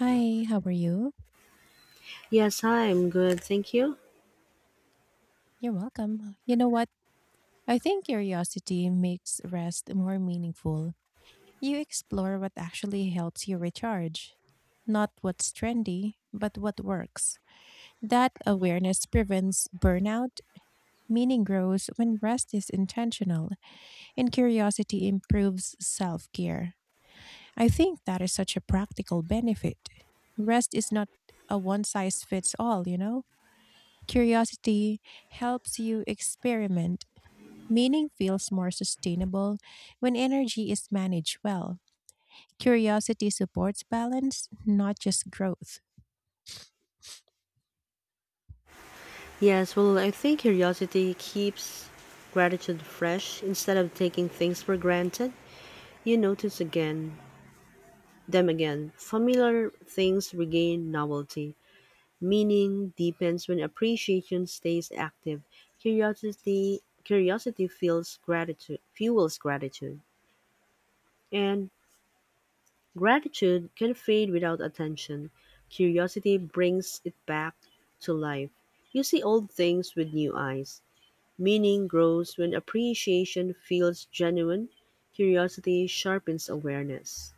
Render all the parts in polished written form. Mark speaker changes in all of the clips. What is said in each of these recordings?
Speaker 1: Hi, how are you?
Speaker 2: Yes, I'm good, thank you.
Speaker 1: You're welcome. You know what? I think curiosity makes rest more meaningful. You explore what actually helps you recharge, not what's trendy, but what works. That awareness prevents burnout. Meaning grows when rest is intentional, and curiosity improves self care. I think that is such a practical benefit. Rest is not a one size fits all, you know? Curiosity helps you experiment. Meaning feels more sustainable when energy is managed well. Curiosity supports balance, not just growth.
Speaker 2: Yes, well, I think curiosity keeps gratitude fresh instead of taking things for granted. You notice again, them again. Familiar things regain novelty. Meaning deepens when appreciation stays active. Curiosity feels gratitude, fuels gratitude. And Gratitude can fade without attention. Curiosity brings it back to life. You see old things with new eyes. Meaning grows when appreciation feels genuine. Curiosity sharpens awareness.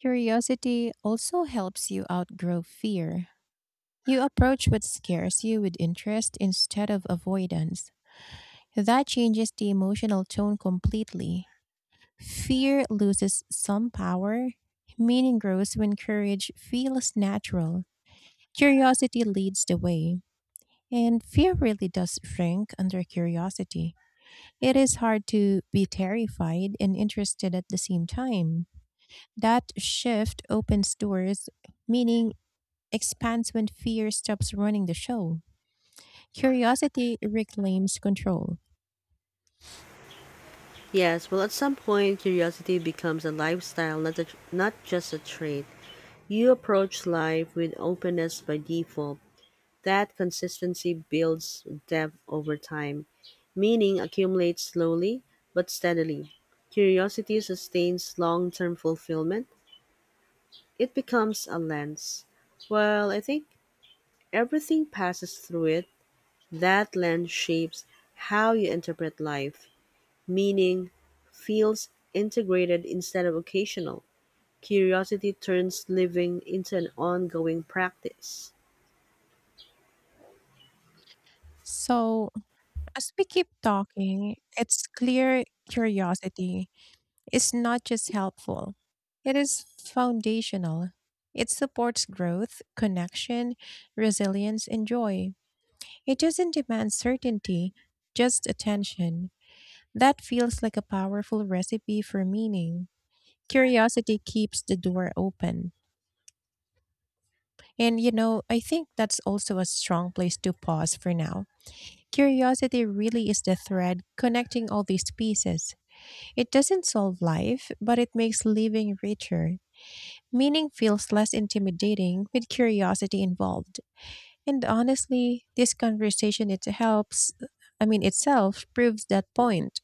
Speaker 1: Curiosity also helps you outgrow fear. You approach what scares you with interest instead of avoidance. That changes the emotional tone completely. Fear loses some power. Meaning grows when courage feels natural. Curiosity leads the way. And fear really does shrink under curiosity. It is hard to be terrified and interested at the same time. That shift opens doors, meaning expands when fear stops running the show. Curiosity reclaims control.
Speaker 2: Yes, well, at some point, curiosity becomes a lifestyle, not just a trait. You approach life with openness by default. That consistency builds depth over time. Meaning accumulates slowly but steadily. Curiosity sustains long term fulfillment. It becomes a lens. Well, I think everything passes through it. That lens shapes how you interpret life. Meaning feels integrated instead of occasional. Curiosity turns living into an ongoing practice.
Speaker 1: So, as we keep talking, it's clear curiosity is not just helpful, it is foundational. It supports growth, connection, resilience, and joy. It doesn't demand certainty, just attention. That feels like a powerful recipe for meaning. Curiosity keeps the door open. And you know, I think that's also a strong place to pause for now. Curiosity really is the thread connecting all these pieces. It doesn't solve life, but it makes living richer. Meaning feels less intimidating with curiosity involved. And honestly, this conversation it helps itself proves that point.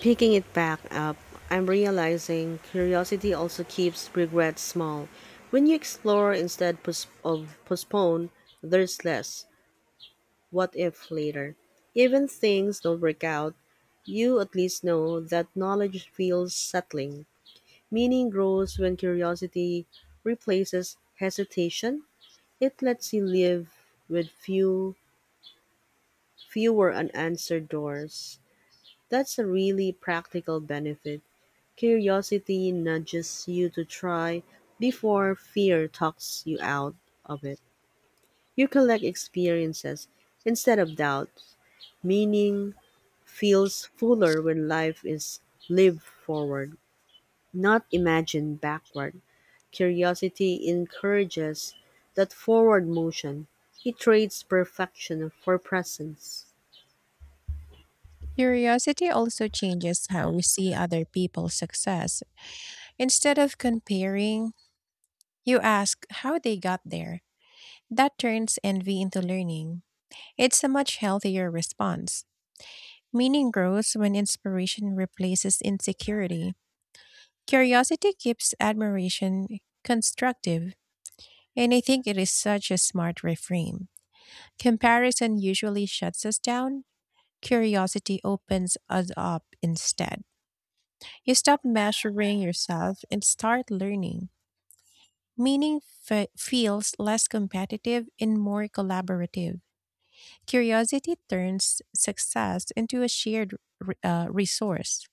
Speaker 2: Picking it back up, I'm realizing curiosity also keeps regret small. When you explore instead of postpone, there's less what if later. Even things don't work out, you at least know that knowledge feels settling. Meaning grows when curiosity replaces hesitation. It lets you live with fewer unanswered doors. That's a really practical benefit. Curiosity nudges you to try before fear talks you out of it. You collect experiences instead of doubts. Meaning feels fuller when life is lived forward, not imagined backward. Curiosity encourages that forward motion. It trades perfection for presence.
Speaker 1: Curiosity also changes how we see other people's success. Instead of comparing, you ask how they got there. That turns envy into learning. It's a much healthier response. Meaning grows when inspiration replaces insecurity. Curiosity keeps admiration constructive, and I think it is such a smart reframe. Comparison usually shuts us down, curiosity opens us up instead. You stop measuring yourself and start learning. Feels less competitive and more collaborative. Curiosity turns success into a shared resource.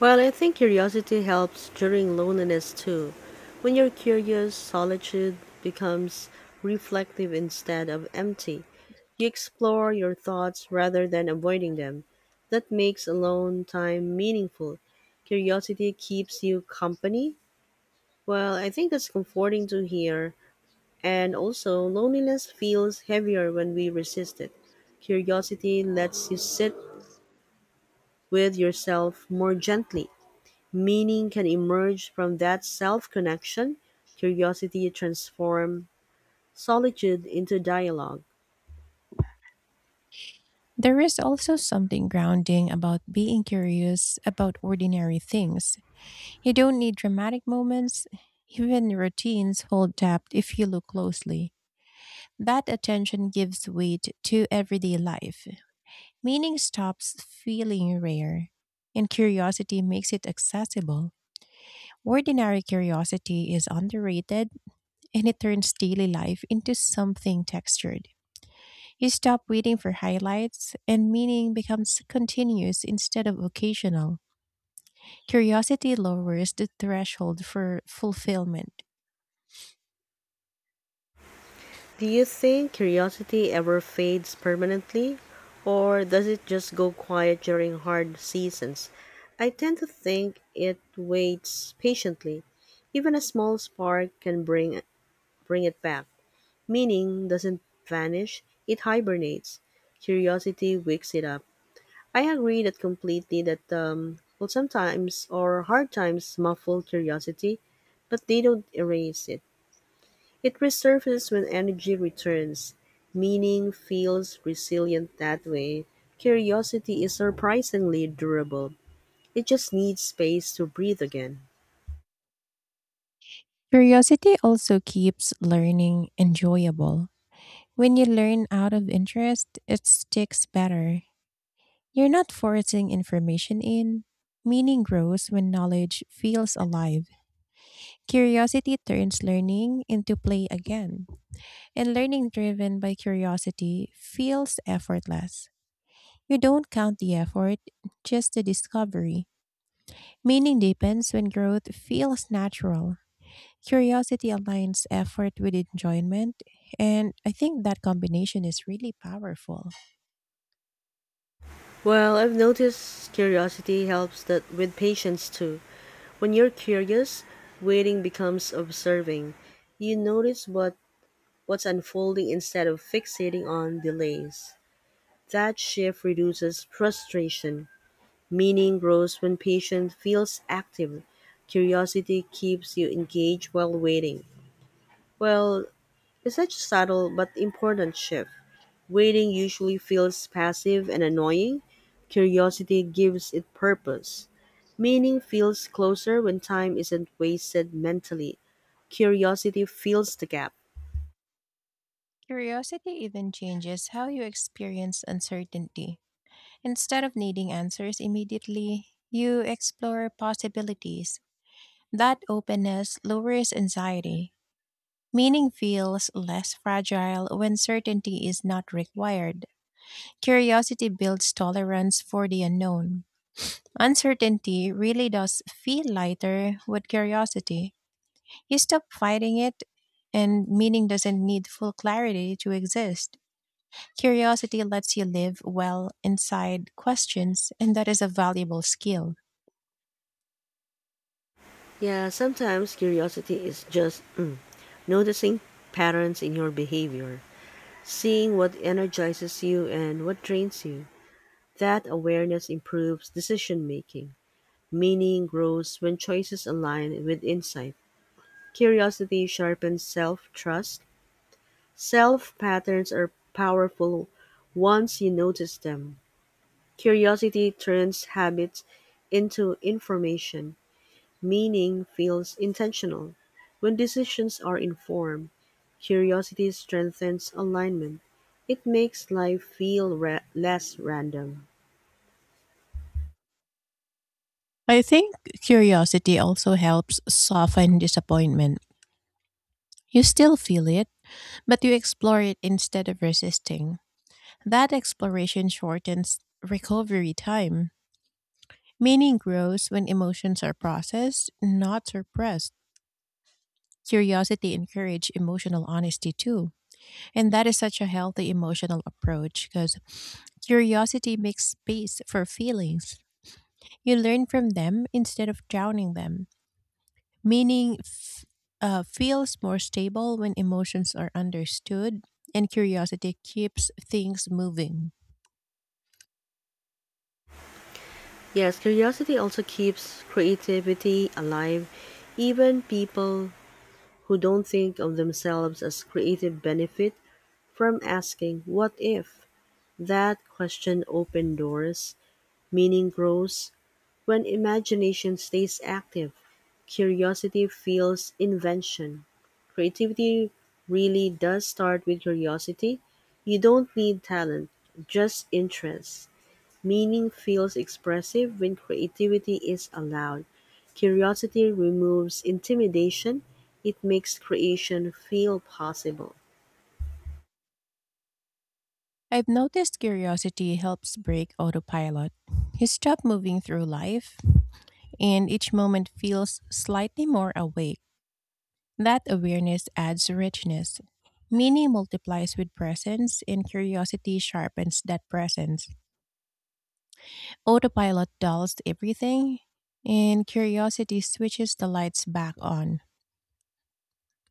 Speaker 2: Well, I think curiosity helps during loneliness too. When you're curious, solitude becomes reflective instead of empty. You explore your thoughts rather than avoiding them. That makes alone time meaningful. Curiosity keeps you company. Well, I think that's comforting to hear. And also, loneliness feels heavier when we resist it. Curiosity lets you sit with yourself more gently. Meaning can emerge from that self-connection, curiosity transform solitude into dialogue.
Speaker 1: There is also something grounding about being curious about ordinary things. You don't need dramatic moments. Even routines hold depth if you look closely. That attention gives weight to everyday life. Meaning stops feeling rare, and curiosity makes it accessible. Ordinary curiosity is underrated, and it turns daily life into something textured. You stop waiting for highlights, and meaning becomes continuous instead of occasional. Curiosity lowers the threshold for fulfillment.
Speaker 2: Do you think curiosity ever fades permanently, or does it just go quiet during hard seasons? I tend to think it waits patiently. Even a small spark can bring it back. Meaning doesn't vanish; it hibernates. Curiosity wakes it up. I agree that completely that well sometimes or hard times muffle curiosity, but they don't erase it. It resurfaces when energy returns. Meaning feels resilient that way. Curiosity is surprisingly durable. It just needs space to breathe again.
Speaker 1: Curiosity also keeps learning enjoyable. When you learn out of interest, it sticks better. You're not forcing information in. Meaning grows when knowledge feels alive. Curiosity turns learning into play again. And learning driven by curiosity feels effortless. You don't count the effort, just the discovery. Meaning deepens when growth feels natural. Curiosity aligns effort with enjoyment, and I think that combination is really powerful.
Speaker 2: Well, I've noticed curiosity helps that with patience too. When you're curious, waiting becomes observing. You notice what's unfolding instead of fixating on delays. That shift reduces frustration. Meaning grows when patience feels active. Curiosity keeps you engaged while waiting. Well, it's such a subtle but important shift. Waiting usually feels passive and annoying. Curiosity gives it purpose. Meaning feels closer when time isn't wasted mentally. Curiosity fills the gap.
Speaker 1: Curiosity even changes how you experience uncertainty. Instead of needing answers immediately, you explore possibilities. That openness lowers anxiety. Meaning feels less fragile when certainty is not required. Curiosity builds tolerance for the unknown. Uncertainty really does feel lighter with curiosity. You stop fighting it, and meaning doesn't need full clarity to exist. Curiosity lets you live well inside questions, and that is a valuable skill.
Speaker 2: Yeah, sometimes curiosity is just noticing patterns in your behavior, seeing what energizes you and what drains you. That awareness improves decision making. Meaning grows when choices align with insight. Curiosity sharpens self trust. Self patterns are powerful once you notice them. Curiosity turns habits into information. Meaning feels intentional. When decisions are informed, curiosity strengthens alignment. It makes life feel less random.
Speaker 1: I think curiosity also helps soften disappointment. You still feel it, but you explore it instead of resisting. That exploration shortens recovery time. Meaning grows when emotions are processed, not suppressed. Curiosity encourages emotional honesty too. And that is such a healthy emotional approach because curiosity makes space for feelings. You learn from them instead of drowning them, meaning f- feels more stable when emotions are understood and curiosity keeps things moving.
Speaker 2: Yes, curiosity also keeps creativity alive. Even people who don't think of themselves as creative benefit from asking, "What if?" That question opens doors, meaning grows, when imagination stays active, curiosity fuels invention. Creativity really does start with curiosity. You don't need talent, just interest. Meaning feels expressive when creativity is allowed. Curiosity removes intimidation. It makes creation feel possible.
Speaker 1: I've noticed curiosity helps break autopilot. You stop moving through life, and each moment feels slightly more awake. That awareness adds richness. Meaning multiplies with presence, and curiosity sharpens that presence. Autopilot dulls everything, and curiosity switches the lights back on.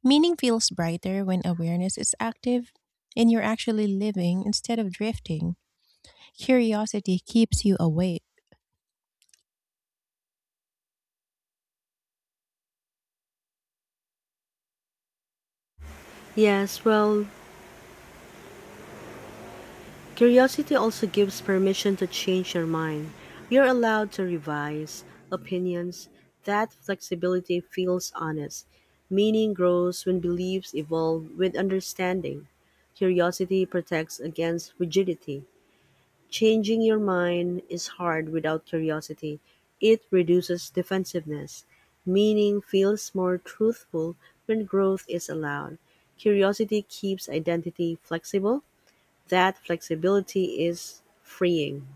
Speaker 1: Meaning feels brighter when awareness is active and you're actually living instead of drifting. Curiosity keeps you awake.
Speaker 2: Yes, well, curiosity also gives permission to change your mind. You're allowed to revise opinions. That flexibility feels honest. Meaning grows when beliefs evolve with understanding. Curiosity protects against rigidity. Changing your mind is hard without curiosity. It reduces defensiveness. Meaning feels more truthful when growth is allowed. Curiosity keeps identity flexible, that flexibility is freeing.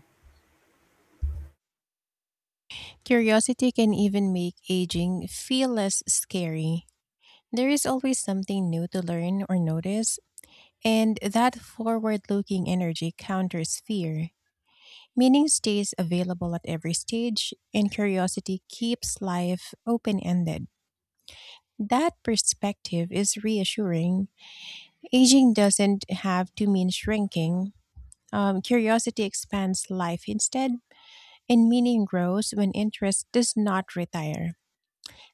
Speaker 1: Curiosity can even make aging feel less scary. There is always something new to learn or notice, and that forward looking energy counters fear. Meaning stays available at every stage, and curiosity keeps life open ended. That perspective is reassuring. Aging doesn't have to mean shrinking. Curiosity expands life instead, and meaning grows when interest does not retire.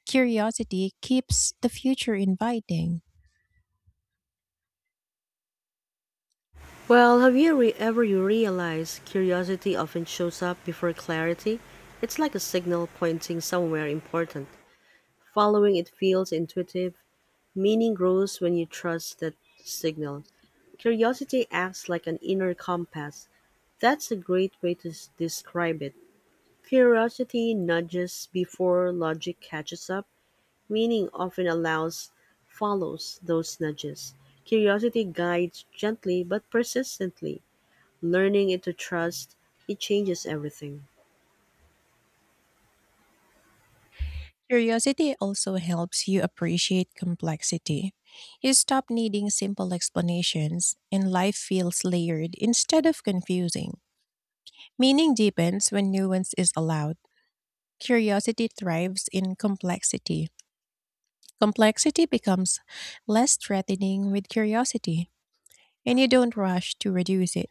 Speaker 1: Curiosity keeps the future inviting.
Speaker 2: Well, have you re- ever you realized curiosity often shows up before clarity? It's like a signal pointing somewhere important. Following it feels intuitive. Meaning grows when you trust that signal. Curiosity acts like an inner compass. That's a great way to describe it. Curiosity nudges before logic catches up. Meaning often allows follows those nudges. Curiosity guides gently but persistently. Learning it to trust, it changes everything.
Speaker 1: Curiosity also helps you appreciate complexity. You stop needing simple explanations, and life feels layered instead of confusing. Meaning deepens when nuance is allowed. Curiosity thrives in complexity. Complexity becomes less threatening with curiosity, and you don't rush to reduce it.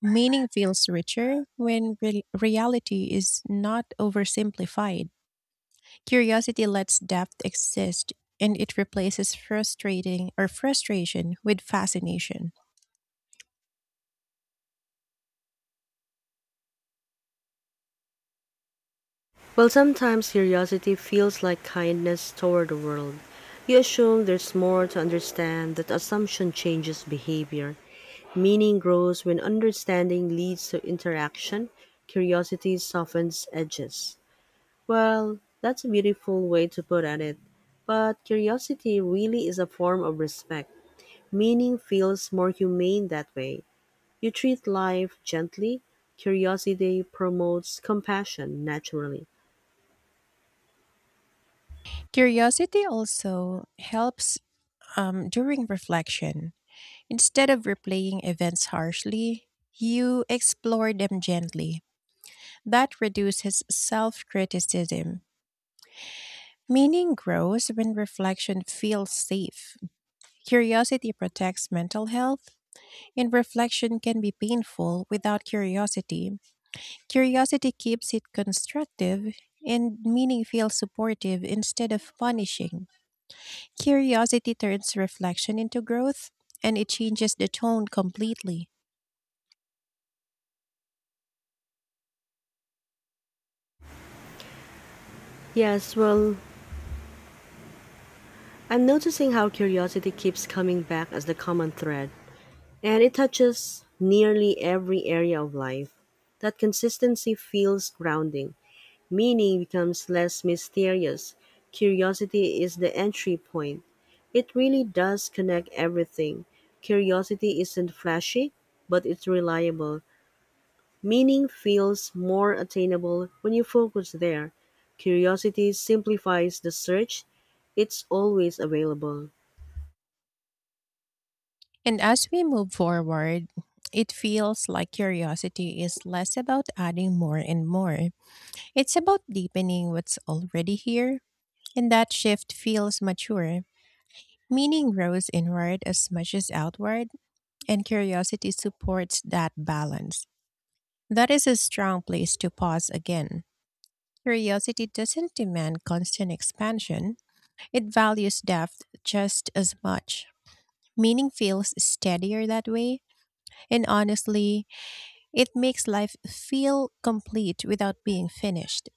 Speaker 1: Meaning feels richer when reality is not oversimplified. Curiosity lets depth exist and it replaces frustrating or frustration with fascination.
Speaker 2: Well, sometimes curiosity feels like kindness toward the world. You assume there's more to understand, that assumption changes behavior. Meaning grows when understanding leads to interaction, curiosity softens edges. Well, that's a beautiful way to put at it. But curiosity really is a form of respect. Meaning feels more humane that way. You treat life gently. Curiosity promotes compassion naturally.
Speaker 1: Curiosity also helps during reflection. Instead of replaying events harshly, you explore them gently. That reduces self criticism. Meaning grows when reflection feels safe. Curiosity protects mental health, and reflection can be painful without curiosity. Curiosity keeps it constructive, and meaning feels supportive instead of punishing. Curiosity turns reflection into growth, and it changes the tone completely.
Speaker 2: Yes, well, I'm noticing how curiosity keeps coming back as the common thread, and it touches nearly every area of life. That consistency feels grounding. Meaning becomes less mysterious. Curiosity is the entry point. It really does connect everything. Curiosity isn't flashy, but it's reliable. Meaning feels more attainable when you focus there. Curiosity simplifies the search. It's always available.
Speaker 1: And as we move forward, it feels like curiosity is less about adding more and more. It's about deepening what's already here, and that shift feels mature. Meaning grows inward as much as outward, and curiosity supports that balance. That is a strong place to pause again. Curiosity doesn't demand constant expansion, it values depth just as much. Meaning feels steadier that way, and honestly, it makes life feel complete without being finished.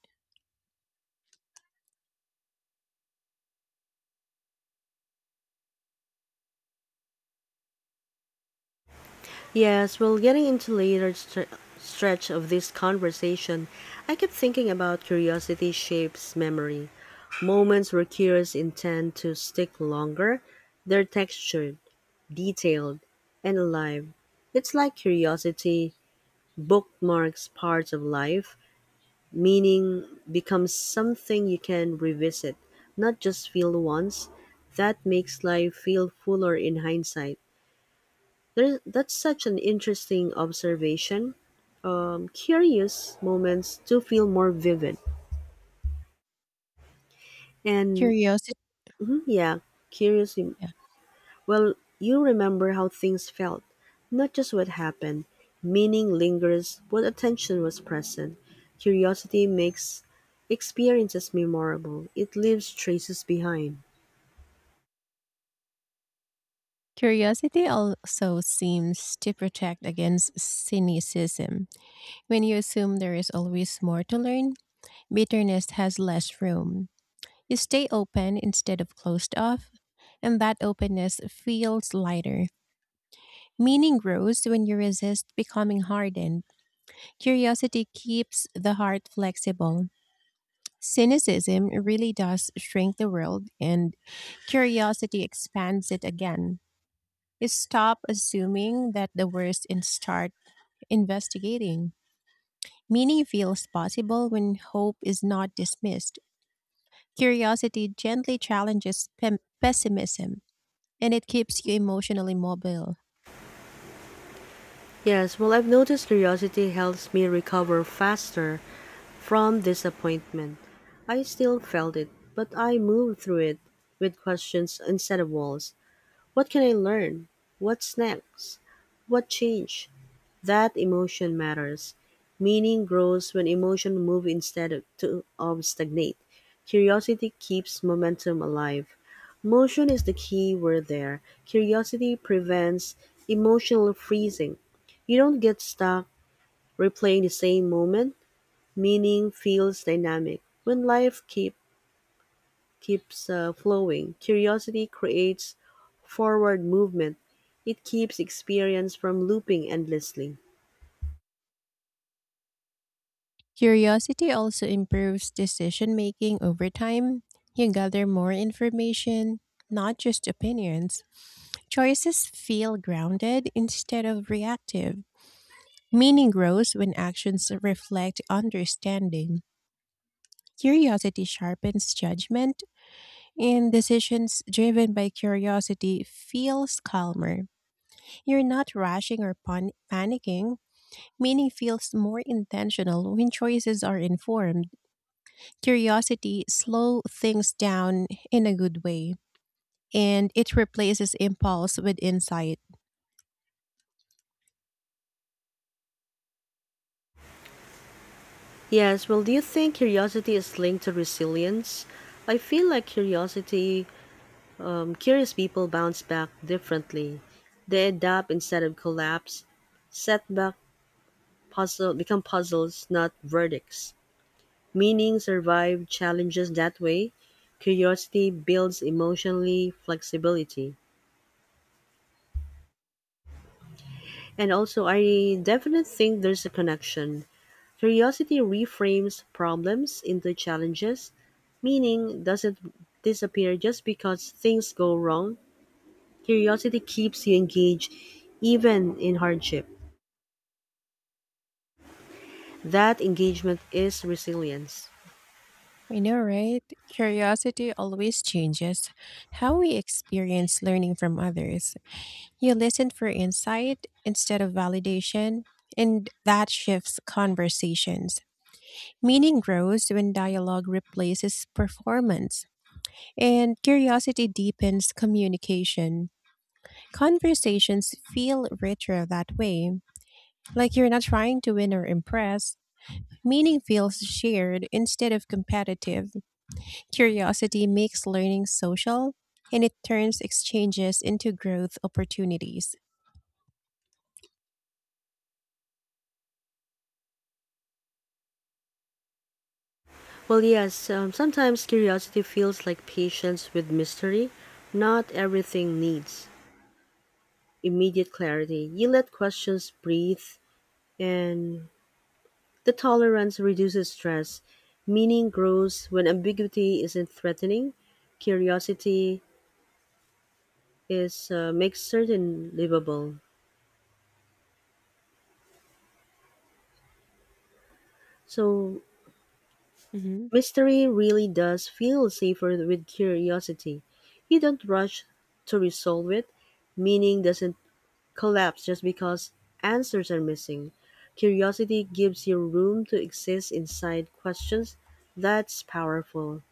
Speaker 2: Yes, well, getting into later stretch of this conversation, I kept thinking about curiosity shapes memory. Moments where curiosities tend to stick longer, they're textured, detailed, and alive. It's like curiosity bookmarks parts of life, meaning becomes something you can revisit, not just feel once. That makes life feel fuller in hindsight. There, that's such an interesting observation. Curious moments to feel more vivid. And
Speaker 1: Curiosity
Speaker 2: mhm, yeah, Curious,
Speaker 1: yeah.
Speaker 2: well, you remember how things felt, not just what happened. Meaning lingers when attention was present. Curiosity makes experiences memorable, it leaves traces behind.
Speaker 1: Curiosity also seems to protect against cynicism. When you assume there is always more to learn, bitterness has less room. You stay open instead of closed off, and that openness feels lighter. Meaning grows when you resist becoming hardened. Curiosity keeps the heart flexible. Cynicism really does shrink the world, and curiosity expands it again. You stop assuming that the worst and start investigating. Meaning feels possible when hope is not dismissed. Curiosity gently challenges pessimism. And it keeps you emotionally mobile.
Speaker 2: Yes, well, I've noticed curiosity helps me recover faster from disappointment. I still felt it, but I moved through it with questions instead of walls. What can I learn? What's next? What changed? That emotion matters. Meaning grows when emotion move instead of stagnate. Curiosity keeps momentum alive. Motion is the key word there. Curiosity prevents emotional freezing. You don't get stuck replaying the same moment. Meaning feels dynamic. When keeps flowing, curiosity creates forward movement. It keeps experience from looping endlessly.
Speaker 1: Curiosity also improves decision making over time. You gather more information, not just opinions. Choices feel grounded instead of reactive. Meaning grows when actions reflect understanding. Curiosity sharpens judgment, and decisions driven by curiosity feels calmer. You're not rushing or panicking. Meaning feels more intentional when choices are informed. Curiosity slows things down in a good way, and it replaces impulse with insight.
Speaker 2: Yes, well, do you think curiosity is linked to resilience? I feel like curious people bounce back differently. They adapt instead of collapse. Setback Puzzle become puzzles, not verdicts. Meaning survive challenges that way. Curiosity builds emotionally flexibility. And also, I definitely think there's a connection. Curiosity reframes problems into challenges, meaning doesn't disappear just because things go wrong. Curiosity keeps you engaged even in hardship. That engagement is resilience.
Speaker 1: I know, right? Curiosity always changes how we experience learning from others. You listen for insight instead of validation, and that shifts conversations. Meaning grows when dialogue replaces performance, and curiosity deepens communication. Conversations feel richer that way, like you're not trying to win or impress. Meaning feels shared instead of competitive. Curiosity makes learning social, and it turns exchanges into growth opportunities.
Speaker 2: Well, yes, sometimes curiosity feels like patience with mystery. Not everything needs immediate clarity. You let questions breathe and the tolerance reduces stress; meaning grows when ambiguity isn't threatening, curiosity is makes certain livable. So
Speaker 1: hmm
Speaker 2: Mystery really does feel safer with curiosity. You don't rush to resolve it. Meaning doesn't collapse just because answers are missing. Curiosity gives you room to exist inside questions. That's powerful.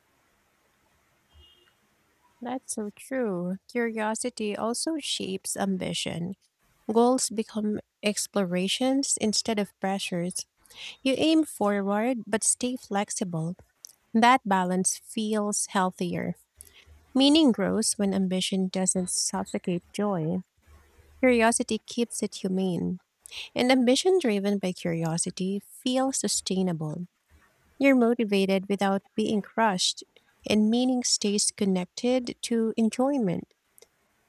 Speaker 1: That's so true. Curiosity also shapes ambition. Goals become explorations instead of pressures. You aim forward but stay flexible. That balance feels healthier. Meaning grows when ambition doesn't suffocate joy. Curiosity keeps it humane, and ambition driven by curiosity feels sustainable. You're motivated without being crushed, and meaning stays connected to enjoyment.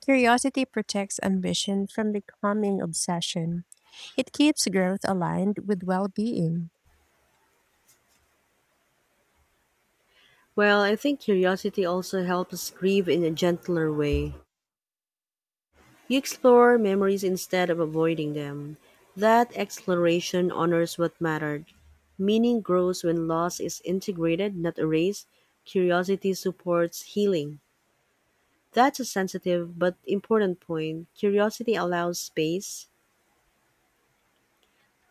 Speaker 1: Curiosity protects ambition from becoming obsession. It keeps growth aligned with well being.
Speaker 2: Well, I think curiosity also helps us grieve in a gentler way. You explore memories instead of avoiding them. That exploration honors what mattered. Meaning grows when loss is integrated, not erased. Curiosity supports healing. That's a sensitive but important point. Curiosity allows space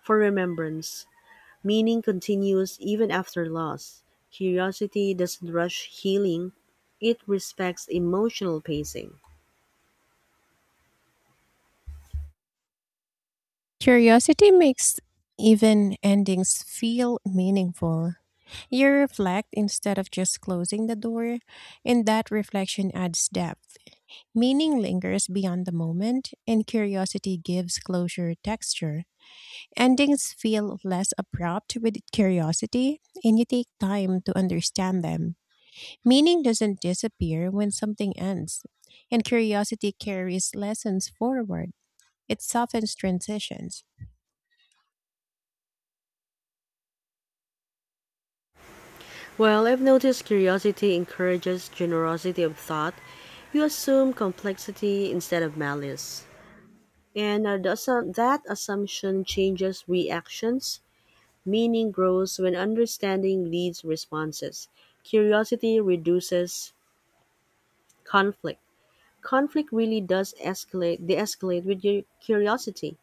Speaker 2: for remembrance. Meaning continues even after loss. Curiosity doesn't rush healing, it respects emotional pacing.
Speaker 1: Curiosity makes even endings feel meaningful. You reflect instead of just closing the door, and that reflection adds depth. Meaning lingers beyond the moment, and curiosity gives closure texture. Endings feel less abrupt with curiosity, and you take time to understand them. Meaning doesn't disappear when something ends, and curiosity carries lessons forward. It softens transitions.
Speaker 2: Well, I've noticed curiosity encourages generosity of thought. You assume complexity instead of malice. That assumption changes reactions. Meaning grows when understanding leads responses. Curiosity reduces conflict. Conflict really does de escalate with your curiosity.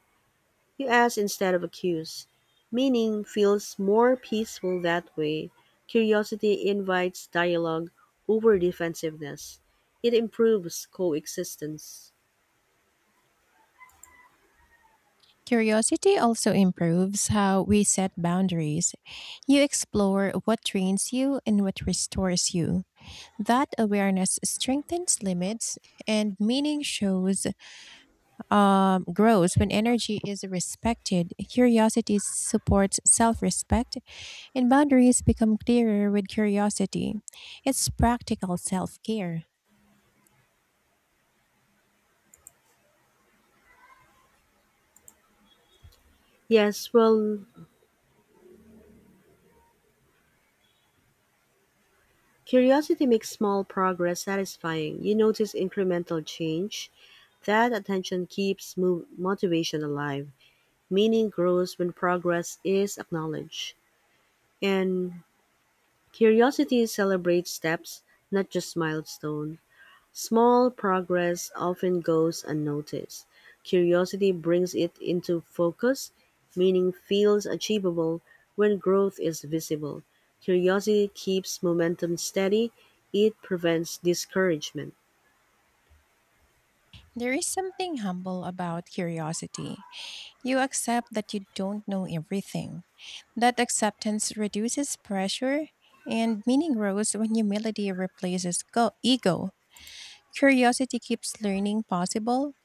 Speaker 2: You ask instead of accuse. Meaning feels more peaceful that way. Curiosity invites dialogue over defensiveness. It improves coexistence.
Speaker 1: Curiosity also improves how we set boundaries. You explore what drains you and what restores you. That awareness strengthens limits, and meaning shows grows when energy is respected. Curiosity supports self-respect, and boundaries become clearer with curiosity. It's practical self-care.
Speaker 2: Yes, well, curiosity makes small progress satisfying. You notice incremental change. That attention keeps motivation alive. Meaning grows when progress is acknowledged. And Curiosity celebrates steps, not just milestones. Small progress often goes unnoticed; curiosity brings it into focus, meaning feels achievable when growth is visible. Curiosity keeps momentum steady, it prevents discouragement.
Speaker 1: There is something humble about curiosity. You accept that you don't know everything. That acceptance reduces pressure, and meaning grows when humility replaces ego. Curiosity keeps learning possible.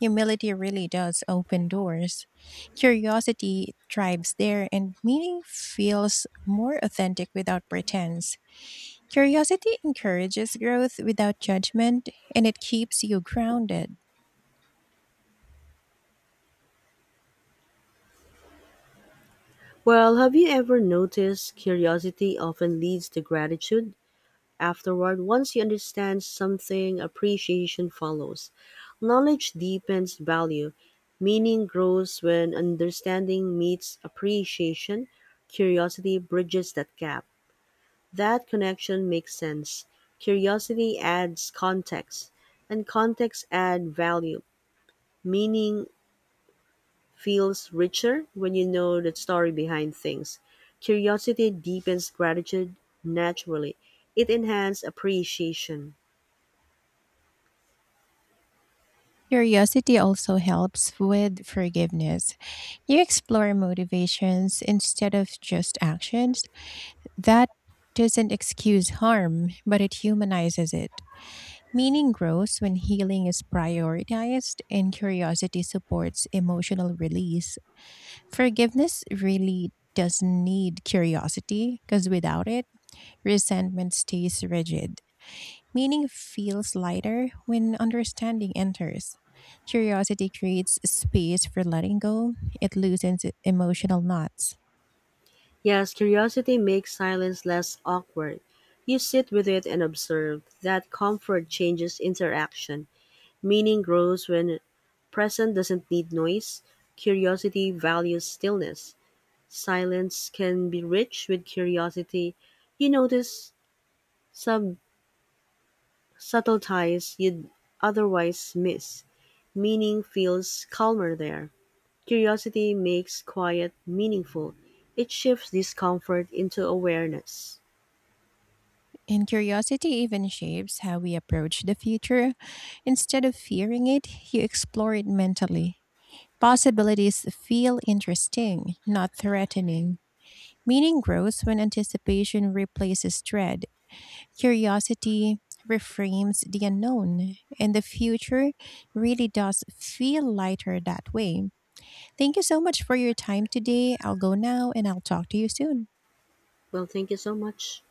Speaker 1: Humility really does open doors. Curiosity thrives there, and meaning feels more authentic without pretense. Curiosity encourages growth without judgment, and it keeps you grounded.
Speaker 2: Well, have you ever noticed curiosity often leads to gratitude? Afterward, once you understand something, appreciation follows. Knowledge deepens value. Meaning grows when understanding meets appreciation. Curiosity bridges that gap. That connection makes sense. Curiosity adds context, and context adds value. Meaning feels richer when you know the story behind things. Curiosity deepens gratitude naturally. It enhances appreciation.
Speaker 1: Curiosity also helps with forgiveness. You explore motivations instead of just actions. That doesn't excuse harm, but it humanizes it. Meaning grows when healing is prioritized and curiosity supports emotional release. Forgiveness really does need curiosity because without it, resentment stays rigid. Meaning feels lighter when understanding enters. Curiosity creates space for letting go, it loosens emotional knots.
Speaker 2: Yes, curiosity makes silence less awkward. You sit with it and observe. That comfort changes interaction. Meaning grows when present doesn't need noise. Curiosity values stillness. Silence can be rich with curiosity. You notice some subtle ties you'd otherwise miss. Meaning feels calmer there. Curiosity makes quiet meaningful. It shifts discomfort into awareness.
Speaker 1: And curiosity even shapes how we approach the future. Instead of fearing it, you explore it mentally. Possibilities feel interesting, not threatening. Meaning grows when anticipation replaces dread. Curiosity reframes the unknown, and the future really does feel lighter that way. Thank you so much for your time today. I'll go now and I'll talk to you soon.
Speaker 2: Well, thank you so much.